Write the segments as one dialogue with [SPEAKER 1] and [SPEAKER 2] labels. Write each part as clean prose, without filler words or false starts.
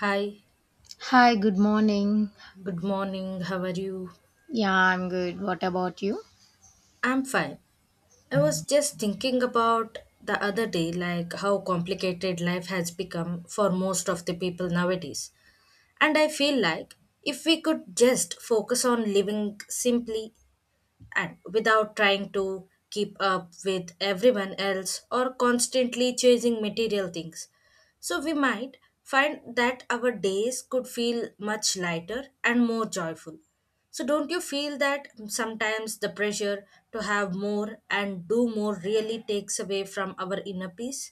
[SPEAKER 1] Hi,
[SPEAKER 2] Hi, good morning.
[SPEAKER 1] good morning. How are you?
[SPEAKER 2] Yeah, I'm good. What about you?
[SPEAKER 1] I'm fine. I was just thinking about the other day, like how complicated life has become for most of the people nowadays. And I feel like if we could just focus on living simply and without trying to keep up with everyone else or constantly chasing material things. So we might find that our days could feel much lighter and more joyful. So don't you feel that sometimes the pressure to have more and do more really takes away from our inner peace?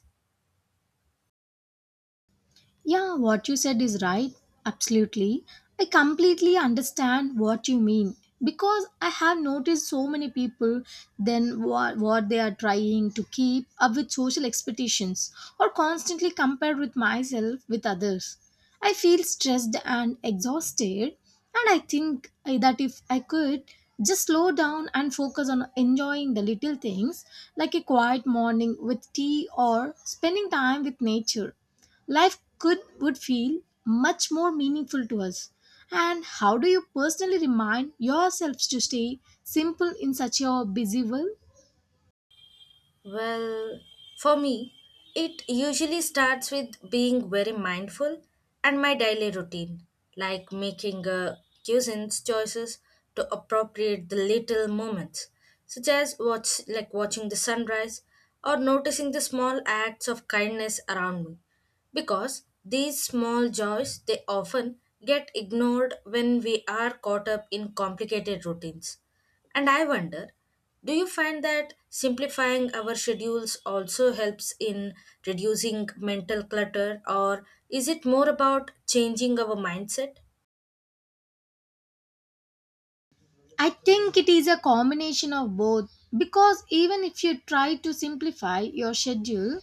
[SPEAKER 2] Yeah, what you said is right. Absolutely. I completely understand what you mean because I have noticed so many people then what they are trying to keep up with social expectations or constantly compare with myself with others. I feel stressed and exhausted, and that if I could just slow down and focus on enjoying the little things, like a quiet morning with tea or spending time with nature, life could would feel much more meaningful to us. And how do you personally remind yourselves to stay simple in such a busy world?
[SPEAKER 1] Well, for me, it usually starts with being very mindful and my daily routine, like making a cuisines choices to appropriate the little moments, such as watching the sunrise or noticing the small acts of kindness around me. Because these small joys they often get ignored when we are caught up in complicated routines. And I wonder, do you find that simplifying our schedules also helps in reducing mental clutter, or is it more about changing our mindset?
[SPEAKER 2] I think it is a combination of both, because even if you try to simplify your schedule,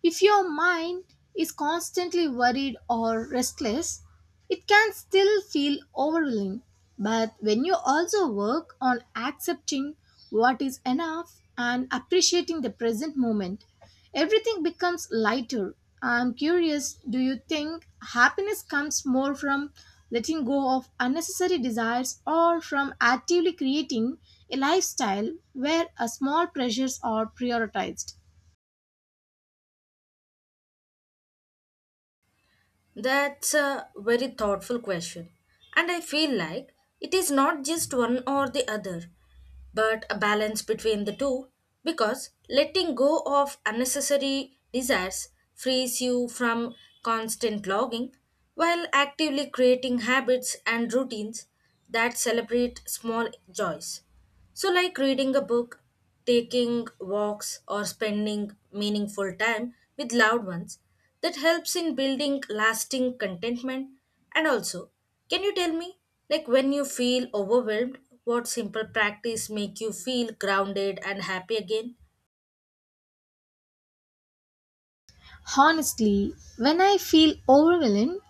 [SPEAKER 2] if your mind is constantly worried or restless, it can still feel overwhelming. But when you also work on accepting what is enough and appreciating the present moment, everything becomes lighter. I'm curious, do you think happiness comes more from letting go of unnecessary desires, or from actively creating a lifestyle where small pleasures are prioritized?
[SPEAKER 1] That's a very thoughtful question. And I feel like it is not just one or the other, but a balance between the two, because letting go of unnecessary desires frees you from constant logging while actively creating habits and routines that celebrate small joys. So, like reading a book, taking walks, or spending meaningful time with loved ones, that helps in building lasting contentment. And also, can you tell me, like when you feel overwhelmed, what simple practice make you feel grounded and happy again?
[SPEAKER 2] Honestly, when I feel overwhelmed,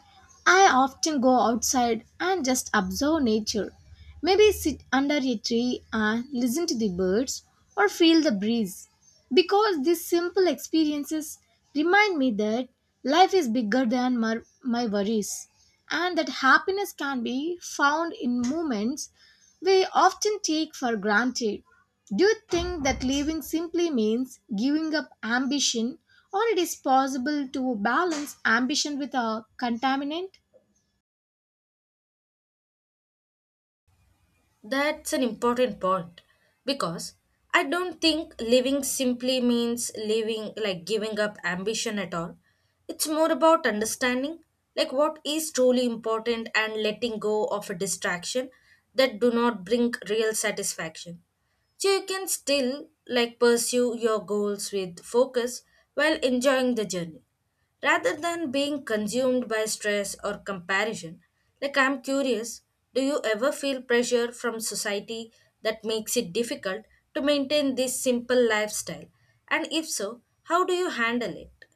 [SPEAKER 2] I often go outside and just observe nature. Maybe sit under a tree and listen to the birds or feel the breeze. Because these simple experiences remind me that life is bigger than my worries, and that happiness can be found in moments we often take for granted. Do you think that leaving simply means giving up ambition, or it is possible to balance ambition with a contaminant?
[SPEAKER 1] That's an important point, because I don't think living simply means living like giving up ambition at all. It's more about understanding like what is truly important and letting go of a distraction that do not bring real satisfaction. So you can still like pursue your goals with focus while enjoying the journey. Rather than being consumed by stress or comparison, like I'm curious, do you ever feel pressure from society that makes it difficult to maintain this simple lifestyle? And if so, how do you handle it?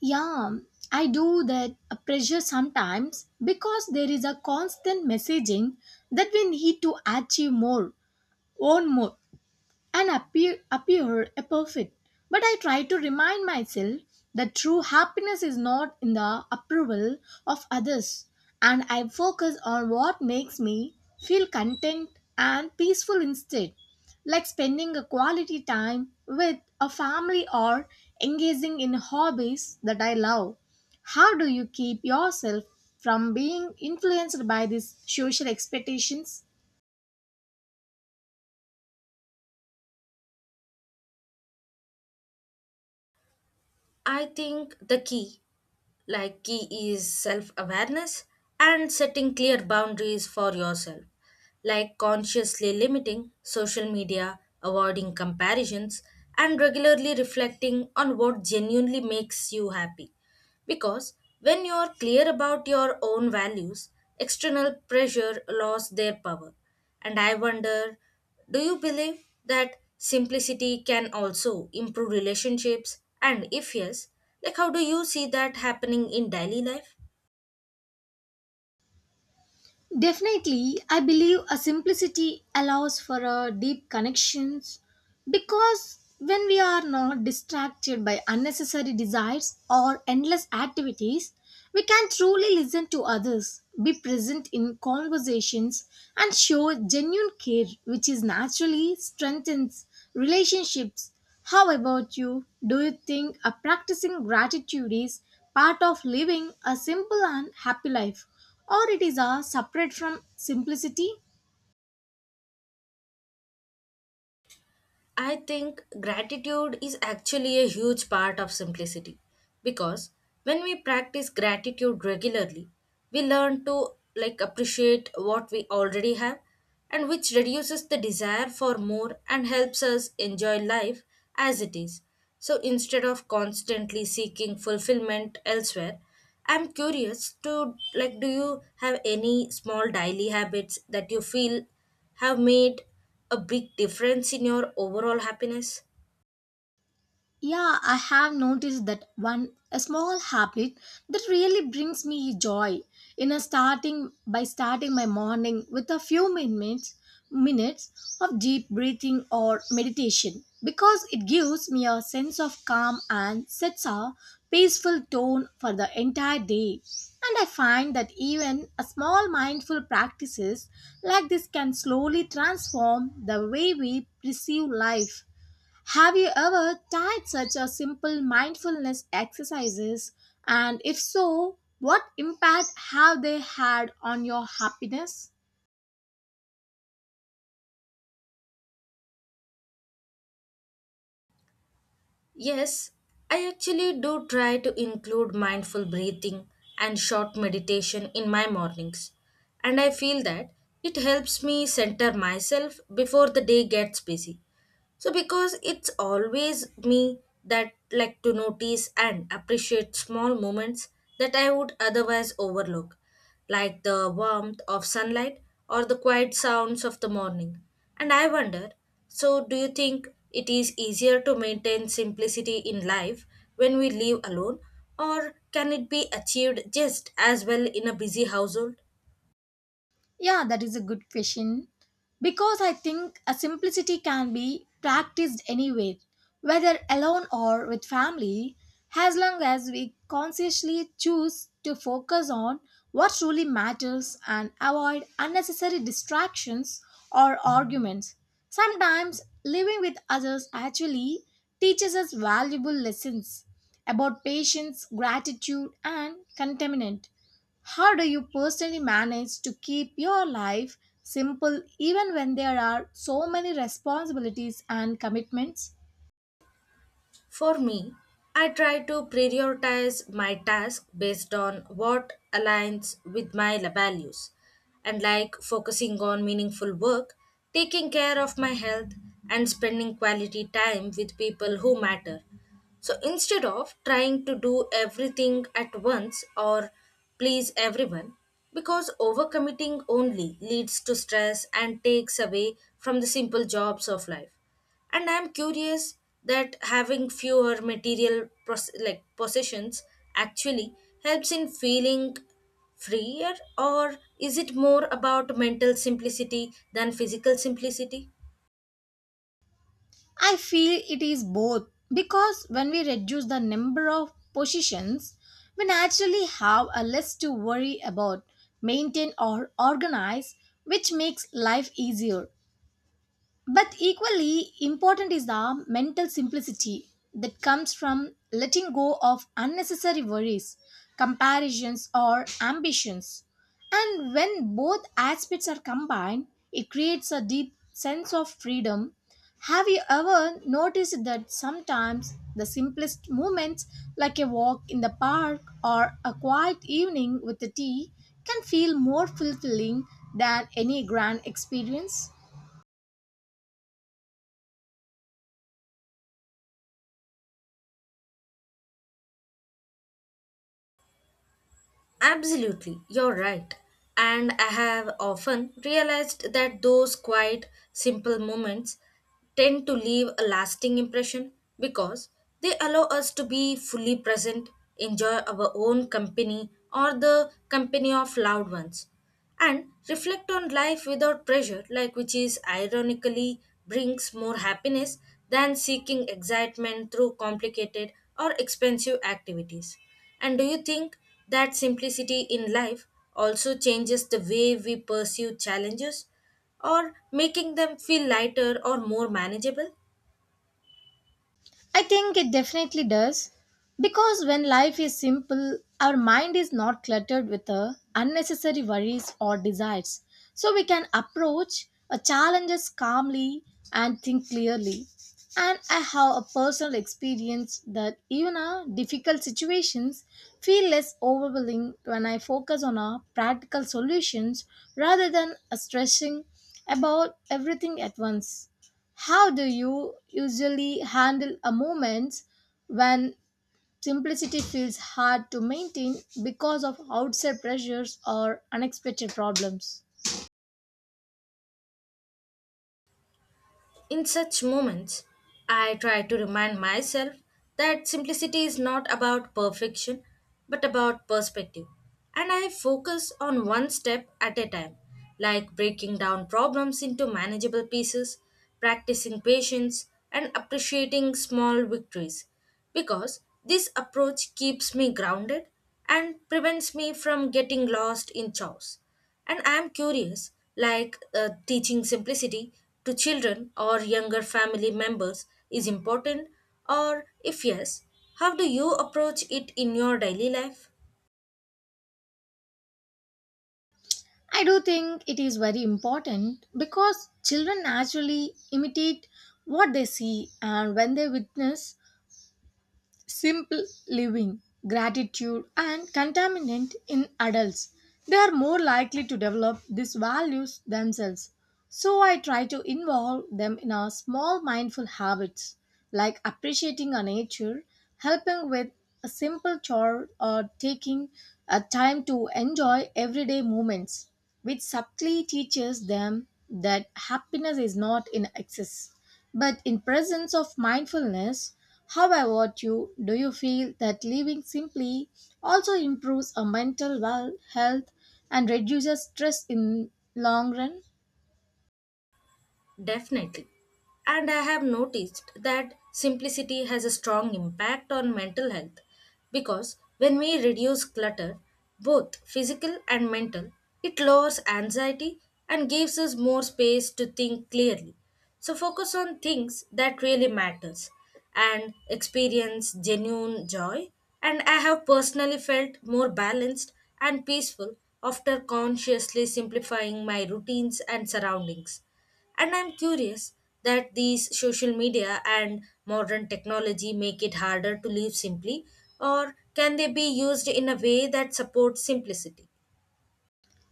[SPEAKER 2] Yeah, I do that pressure sometimes, because there is a constant messaging that we need to achieve more, own more, and appear above it. But I try to remind myself that true happiness is not in the approval of others, and I focus on what makes me feel content and peaceful instead, like spending a quality time with a family or engaging in hobbies that I love. How do you keep yourself from being influenced by these social expectations?
[SPEAKER 1] I think the key like key is self awareness and setting clear boundaries for yourself, like consciously limiting social media, avoiding comparisons, and regularly reflecting on what genuinely makes you happy, because when you are clear about your own values external pressure lost their power. And I wonder, do you believe that simplicity can also improve relationships? And if yes, like how do you see that happening in daily life?
[SPEAKER 2] Definitely, I believe a simplicity allows for a deep connections, because when we are not distracted by unnecessary desires or endless activities, we can truly listen to others, be present in conversations, and show genuine care, which is naturally strengthens relationships. How about you? Do you think a practicing gratitude is part of living a simple and happy life, or it is a separate from simplicity?
[SPEAKER 1] I think gratitude is actually a huge part of simplicity, because when we practice gratitude regularly, we learn to like appreciate what we already have, and which reduces the desire for more and helps us enjoy life as it is. So instead of constantly seeking fulfillment elsewhere, I'm curious to like do you have any small daily habits that you feel have made a big difference in your overall happiness?
[SPEAKER 2] Yeah, I have noticed that one a small habit that really brings me joy. In a starting by starting my morning with a few minutes of deep breathing or meditation, because it gives me a sense of calm and sets a peaceful tone for the entire day. And I find that even a small mindful practices like this can slowly transform the way we perceive life. Have you ever tried such a simple mindfulness exercises? And if so, what impact have they had on your happiness?
[SPEAKER 1] Yes, I actually do try to include mindful breathing and short meditation in my mornings, and I feel that it helps me center myself before the day gets busy. So, because it's always me that like to notice and appreciate small moments that I would otherwise overlook, like the warmth of sunlight or the quiet sounds of the morning. And I wonder, so, do you think it is easier to maintain simplicity in life when we live alone, or can it be achieved just as well in a busy household?
[SPEAKER 2] Yeah, that is a good question. Because I think a simplicity can be practiced anywhere, whether alone or with family, as long as we consciously choose to focus on what truly matters and avoid unnecessary distractions or arguments. Sometimes living with others actually teaches us valuable lessons about patience, gratitude, and contentment. How do you personally manage to keep your life simple even when there are so many responsibilities and commitments?
[SPEAKER 1] For me, I try to prioritize my task based on what aligns with my values and like focusing on meaningful work, taking care of my health, and spending quality time with people who matter. So instead of trying to do everything at once or please everyone, because overcommitting only leads to stress and takes away from the simple jobs of life. And I'm curious that having fewer material possessions actually helps in feeling freer, or is it more about mental simplicity than physical simplicity?
[SPEAKER 2] I feel it is both, because when we reduce the number of positions, we naturally have a less to worry about, maintain, or organize, which makes life easier. But equally important is the mental simplicity that comes from letting go of unnecessary worries, comparisons, or ambitions. And when both aspects are combined, it creates a deep sense of freedom. Have you ever noticed that sometimes the simplest moments, like a walk in the park or a quiet evening with a tea, can feel more fulfilling than any grand experience?
[SPEAKER 1] Absolutely, you're right. And I have often realized that those quiet, simple moments tend to leave a lasting impression because they allow us to be fully present, enjoy our own company or the company of loved ones, and reflect on life without pressure, like which is ironically brings more happiness than seeking excitement through complicated or expensive activities. And do you think that simplicity in life also changes the way we pursue challenges, or making them feel lighter or more manageable?
[SPEAKER 2] I think it definitely does. Because when life is simple, our mind is not cluttered with unnecessary worries or desires. So we can approach challenges calmly and think clearly. And I have a personal experience that even difficult situations feel less overwhelming when I focus on practical solutions rather than stressing about everything at once. How do you usually handle a moment when simplicity feels hard to maintain because of outside pressures or unexpected problems?
[SPEAKER 1] In such moments, I try to remind myself that simplicity is not about perfection but about perspective. And I focus on one step at a time, like breaking down problems into manageable pieces, practicing patience, and appreciating small victories. Because this approach keeps me grounded and prevents me from getting lost in chaos. And I'm curious, like teaching simplicity to children or younger family members is important, or if yes, how do you approach it in your daily life?
[SPEAKER 2] I do think it is very important, because children naturally imitate what they see, and when they witness simple living, gratitude, and contentment in adults, they are more likely to develop these values themselves. So I try to involve them in our small mindful habits, like appreciating our nature, helping with a simple chore, or taking a time to enjoy everyday moments, which subtly teaches them that happiness is not in excess but in presence of mindfulness. How about you? Do you feel that living simply also improves our mental well health and reduces stress in long run?
[SPEAKER 1] Definitely. And I have noticed that simplicity has a strong impact on mental health, because when we reduce clutter, both physical and mental, it lowers anxiety and gives us more space to think clearly. So focus on things that really matters and experience genuine joy, and I have personally felt more balanced and peaceful after consciously simplifying my routines and surroundings. And I'm curious that these social media and modern technology make it harder to live simply, or can they be used in a way that supports simplicity?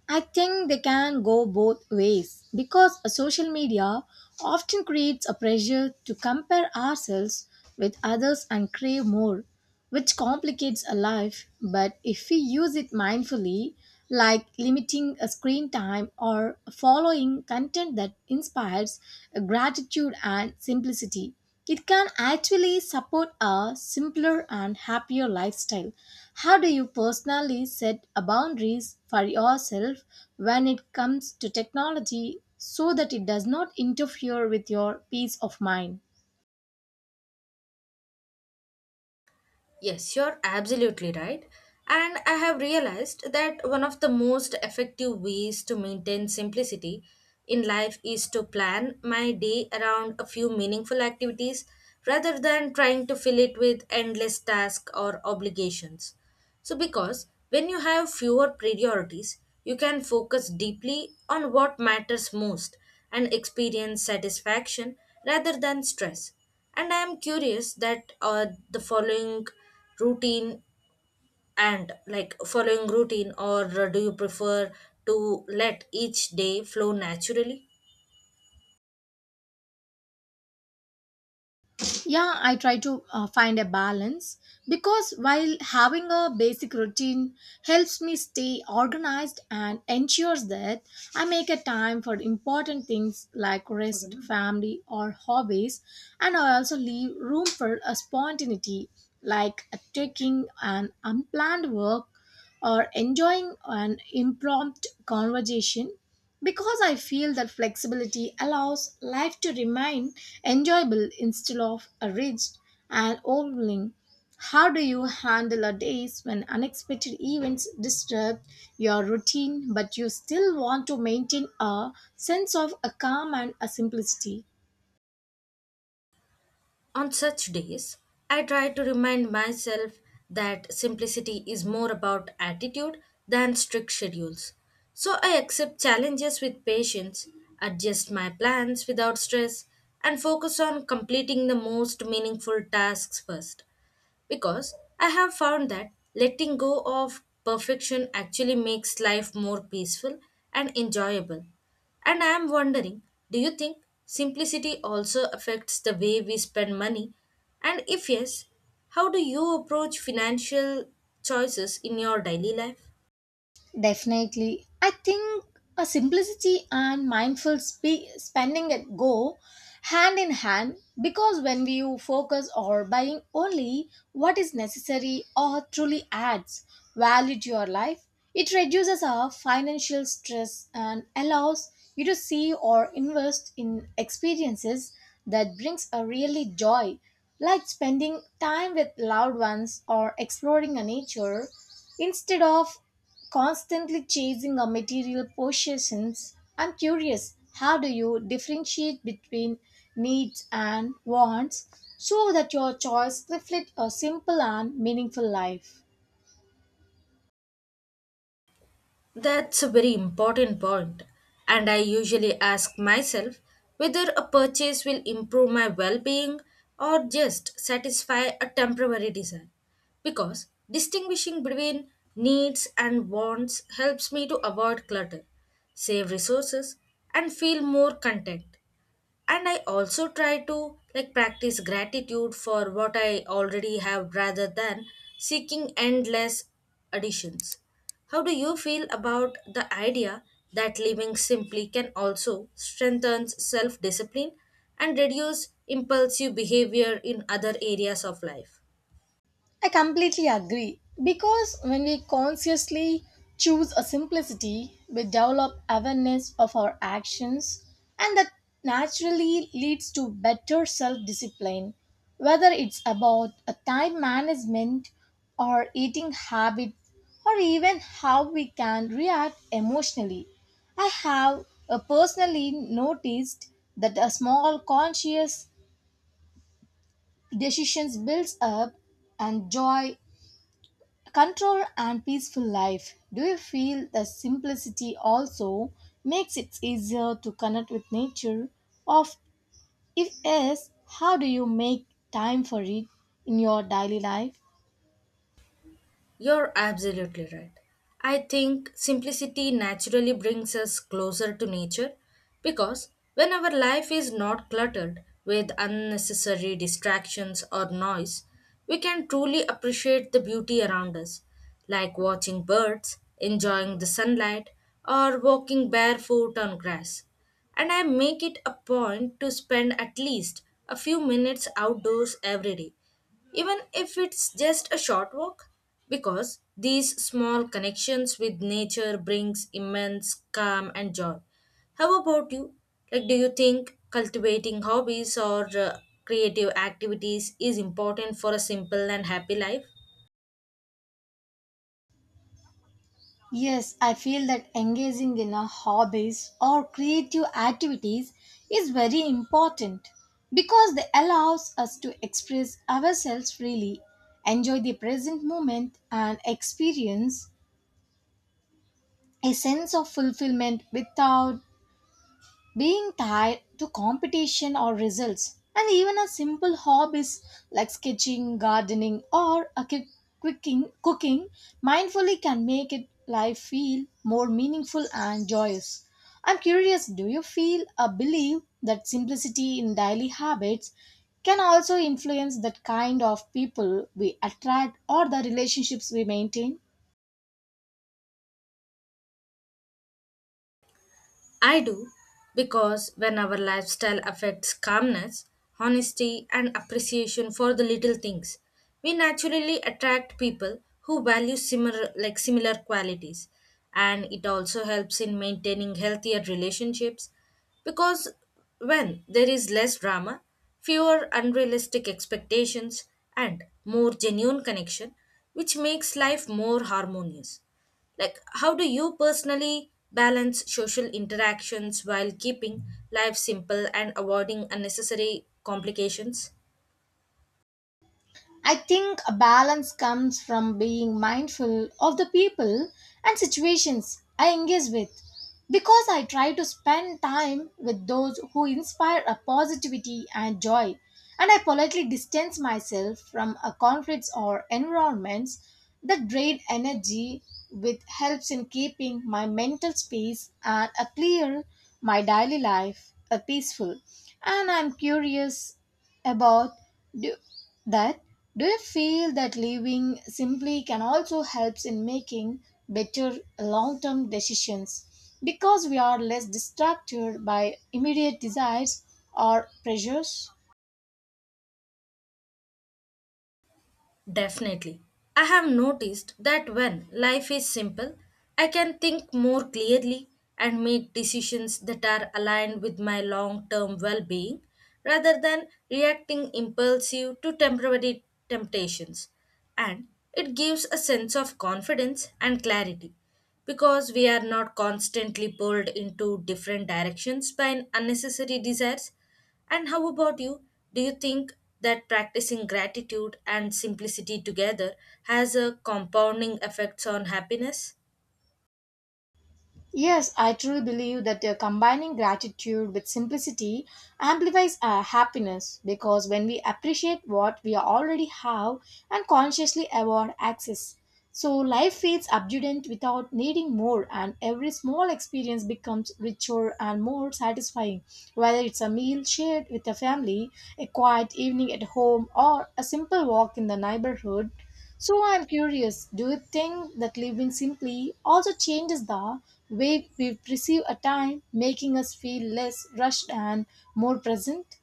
[SPEAKER 2] I think they can go both ways, because a social media often creates a pressure to compare ourselves with others and crave more, which complicates a life. But if we use it mindfully, like limiting a screen time or following content that inspires gratitude and simplicity, it can actually support a simpler and happier lifestyle. How do you personally set a boundaries for yourself when it comes to technology, so that it does not interfere with your peace of mind?
[SPEAKER 1] Yes, you're absolutely right. And I have realized that one of the most effective ways to maintain simplicity in life is to plan my day around a few meaningful activities rather than trying to fill it with endless tasks or obligations. So, because when you have fewer priorities, you can focus deeply on what matters most and experience satisfaction rather than stress. And I am curious that the following routine, and like following routine, or do you prefer to let each day flow naturally?
[SPEAKER 2] Yeah, I try to find a balance, because while having a basic routine helps me stay organized and ensures that I make a time for important things like rest, family, or hobbies, and I also leave room for a spontaneity, like taking an unplanned work or enjoying an impromptu conversation, because I feel that flexibility allows life to remain enjoyable instead of rigid and overwhelming. How do you handle a days when unexpected events disturb your routine, but you still want to maintain a sense of a calm and a simplicity?
[SPEAKER 1] On such days, I try to remind myself that simplicity is more about attitude than strict schedules. So I accept challenges with patience, adjust my plans without stress, and focus on completing the most meaningful tasks first, because I have found that letting go of perfection actually makes life more peaceful and enjoyable. And I am wondering, do you think simplicity also affects the way we spend money? And if yes, how do you approach financial choices in your daily life?
[SPEAKER 2] Definitely. I think a simplicity and mindful spending it go hand in hand, because when we focus on buying only what is necessary or truly adds value to your life, it reduces our financial stress and allows you to see or invest in experiences that brings a really joy, like spending time with loved ones or exploring a nature instead of constantly chasing our material possessions. I'm curious, how do you differentiate between needs and wants so that your choice reflect a simple and meaningful life?
[SPEAKER 1] That's a very important point, and I usually ask myself whether a purchase will improve my well being or just satisfy a temporary desire. Because distinguishing between needs and wants helps me to avoid clutter, save resources, and feel more content. And I also try to like practice gratitude for what I already have rather than seeking endless additions. How do you feel about the idea that living simply can also strengthen self discipline and reduce impulsive behavior in other areas of life?
[SPEAKER 2] I completely agree, because when we consciously choose a simplicity, we develop awareness of our actions, and that naturally leads to better self discipline, whether it's about a time management or eating habits or even how we can react emotionally. I have personally noticed that a small conscious decisions builds up and joy control and peaceful life. Do you feel the simplicity also makes it easier to connect with nature of, if yes, how do you make time for it in your daily life?
[SPEAKER 1] You're absolutely right. I think simplicity naturally brings us closer to nature, because when our life is not cluttered with unnecessary distractions or noise, we can truly appreciate the beauty around us, like watching birds, enjoying the sunlight, or walking barefoot on grass. And I make it a point to spend at least a few minutes outdoors every day, even if it's just a short walk, because these small connections with nature brings immense calm and joy. How about you, like do you think cultivating hobbies or creative activities is important for a simple and happy life?
[SPEAKER 2] Yes, I feel that engaging in a hobbies or creative activities is very important, because they allows us to express ourselves freely, enjoy the present moment, and experience a sense of fulfillment without being tied to competition or results, and even a simple hobbies like sketching, gardening, or a cooking mindfully can make it life feel more meaningful and joyous. I'm curious, do you feel or believe that simplicity in daily habits can also influence that kind of people we attract or the relationships we maintain?
[SPEAKER 1] I do, because when our lifestyle affects calmness, honesty, and appreciation for the little things, we naturally attract people who value similar qualities. And it also helps in maintaining healthier relationships, because when there is less drama, fewer unrealistic expectations, and more genuine connection, which makes life more harmonious. Like, how do you personally balance social interactions while keeping life simple and avoiding unnecessary complications?
[SPEAKER 2] I think a balance comes from being mindful of the people and situations I engage with, because I try to spend time with those who inspire a positivity and joy, and I politely distance myself from a conflicts or environments that drain energy, which helps in keeping my mental space and a clear my daily life a peaceful. And I'm curious about do, that do you feel that living simply can also helps in making better long-term decisions because we are less distracted by immediate desires or pressures?
[SPEAKER 1] Definitely. I have noticed that when life is simple, I can think more clearly and make decisions that are aligned with my long term well being rather than reacting impulsive to temporary temptations. And it gives a sense of confidence and clarity because we are not constantly pulled into different directions by unnecessary desires. And how about you? Do you think that practicing gratitude and simplicity together has a compounding effects on happiness?
[SPEAKER 2] Yes, I truly believe that combining gratitude with simplicity amplifies our happiness, because when we appreciate what we already have and consciously avoid access, so life feels abundant without needing more, and every small experience becomes richer and more satisfying. Whether it's a meal shared with a family, a quiet evening at home, or a simple walk in the neighborhood. So I'm curious, do you think that living simply also changes the way we perceive a time, making us feel less rushed and more present?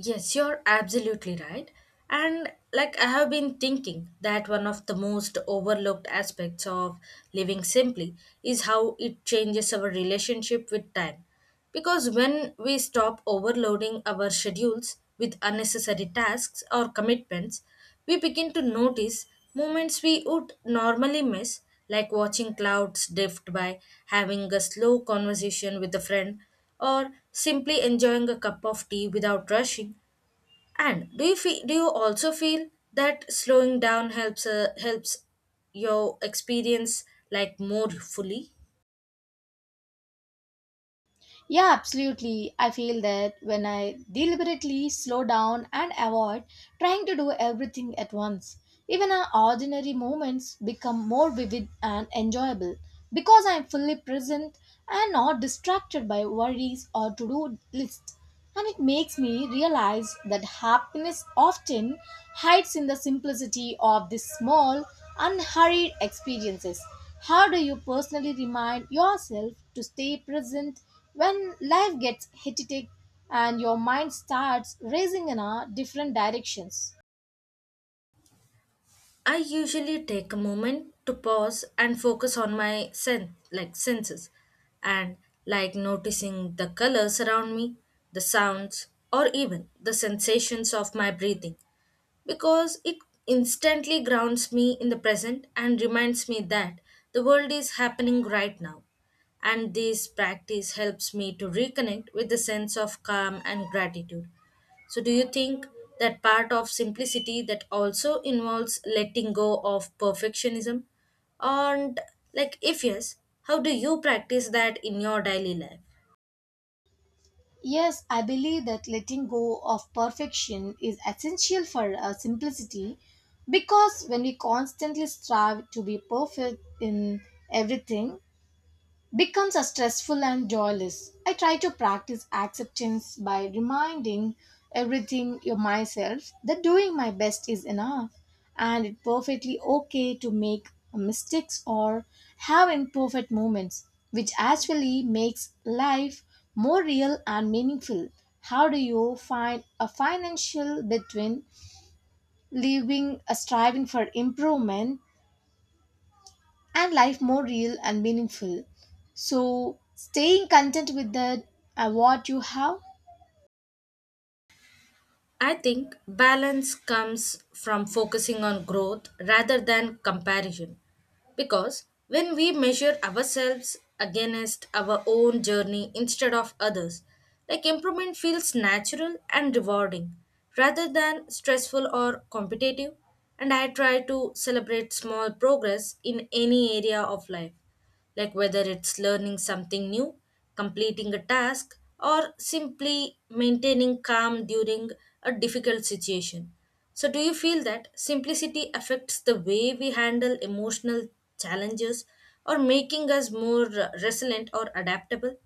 [SPEAKER 1] Yes, you're absolutely right. And like I have been thinking that one of the most overlooked aspects of living simply is how it changes our relationship with time. Because when we stop overloading our schedules with unnecessary tasks or commitments, we begin to notice moments we would normally miss, like watching clouds drift by, having a slow conversation with a friend, or simply enjoying a cup of tea without rushing. And do you also feel that slowing down helps helps your experience like more fully?
[SPEAKER 2] Yeah, absolutely. I feel that when I deliberately slow down and avoid trying to do everything at once, even our ordinary moments become more vivid and enjoyable, because I am fully present and not distracted by worries or to do lists. And it makes me realize that happiness often hides in the simplicity of these small, unhurried experiences. How do you personally remind yourself to stay present when life gets hectic and your mind starts racing in a different directions?
[SPEAKER 1] I usually take a moment to pause and focus on my senses and like noticing the colors around me, the sounds or even the sensations of my breathing. Because it instantly grounds me in the present and reminds me that the world is happening right now. And this practice helps me to reconnect with the sense of calm and gratitude. So, do you think that part of simplicity that also involves letting go of perfectionism? And, like, if yes, how do you practice that in your daily life?
[SPEAKER 2] Yes, I believe that letting go of perfection is essential for simplicity, because when we constantly strive to be perfect in everything, becomes a stressful and joyless. I try to practice acceptance by reminding everything you myself that doing my best is enough, and it's perfectly okay to make mistakes or have imperfect moments, which actually makes life more real and meaningful. How do you find a financial between living a striving for improvement and life more real and meaningful? So, staying content with the what you have?
[SPEAKER 1] I think balance comes from focusing on growth rather than comparison. Because when we measure ourselves against our own journey instead of others, like improvement feels natural and rewarding rather than stressful or competitive. And I try to celebrate small progress in any area of life, like whether it's learning something new, completing a task, or simply maintaining calm during a difficult situation. So, do you feel that simplicity affects the way we handle emotional challenges or making us more resilient or adaptable?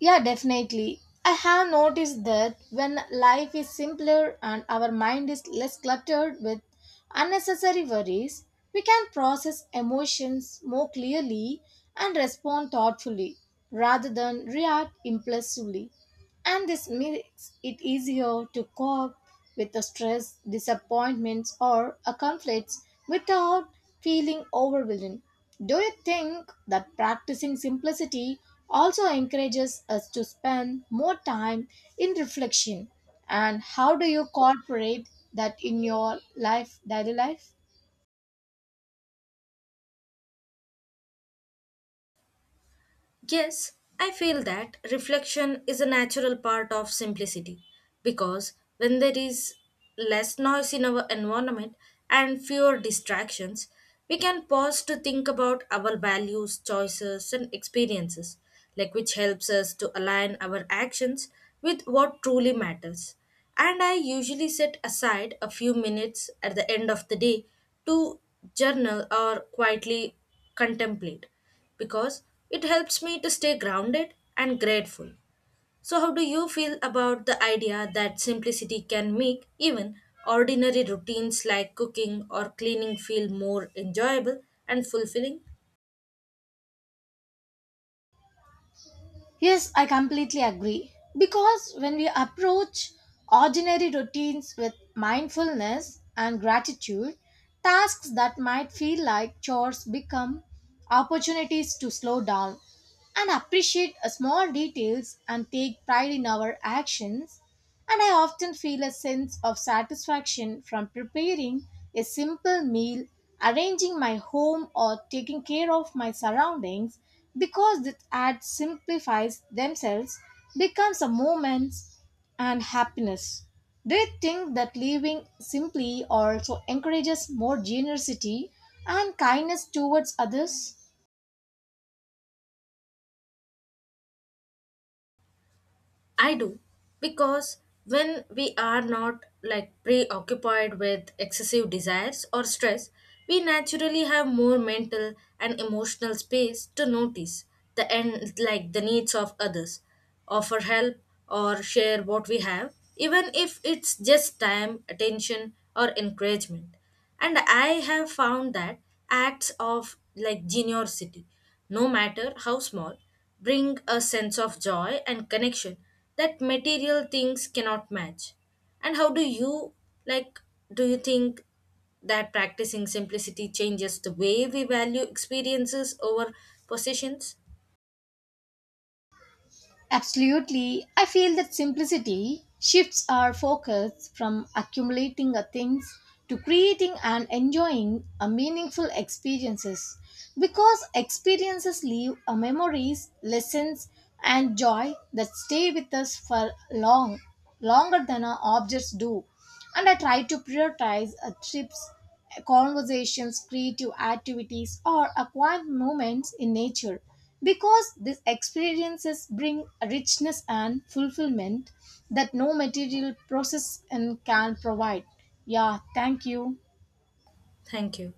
[SPEAKER 2] Yeah, definitely. I have noticed that when life is simpler and our mind is less cluttered with unnecessary worries, we can process emotions more clearly and respond thoughtfully rather than react impulsively. And this makes it easier to cope with the stress, disappointments, or conflicts without feeling overwhelmed. Do you think that practicing simplicity also encourages us to spend more time in reflection? And how do you incorporate that in your life, daily life?
[SPEAKER 1] Yes, I feel that reflection is a natural part of simplicity, because when there is less noise in our environment and fewer distractions, we can pause to think about our values, choices, and experiences, like which helps us to align our actions with what truly matters. And I usually set aside a few minutes at the end of the day to journal or quietly contemplate, because it helps me to stay grounded and grateful. So, how do you feel about the idea that simplicity can make even ordinary routines like cooking or cleaning feel more enjoyable and fulfilling?
[SPEAKER 2] Yes, I completely agree. Because when we approach ordinary routines with mindfulness and gratitude, tasks that might feel like chores become opportunities to slow down and appreciate small details and take pride in our actions. And I often feel a sense of satisfaction from preparing a simple meal, arranging my home, or taking care of my surroundings, because that act simplifies themselves becomes a moment and happiness. Do you think that living simply also encourages more generosity and kindness towards others?
[SPEAKER 1] I do, because when we are not like preoccupied with excessive desires or stress, we naturally have more mental and emotional space to notice the end like the needs of others, offer help or share what we have, even if it's just time, attention or encouragement. And I have found that acts of like generosity, no matter how small, bring a sense of joy and connection that material things cannot match. And how do you like, do you think that practicing simplicity changes the way we value experiences over possessions?
[SPEAKER 2] Absolutely. I feel that simplicity shifts our focus from accumulating a things to creating and enjoying a meaningful experiences, because experiences leave a memories, lessons, and joy that stay with us for longer than our objects do. And I try to prioritize trips, conversations, creative activities, or a quiet moments in nature, because these experiences bring a richness and fulfillment that no material process and can provide. Yeah, thank you.
[SPEAKER 1] Thank you.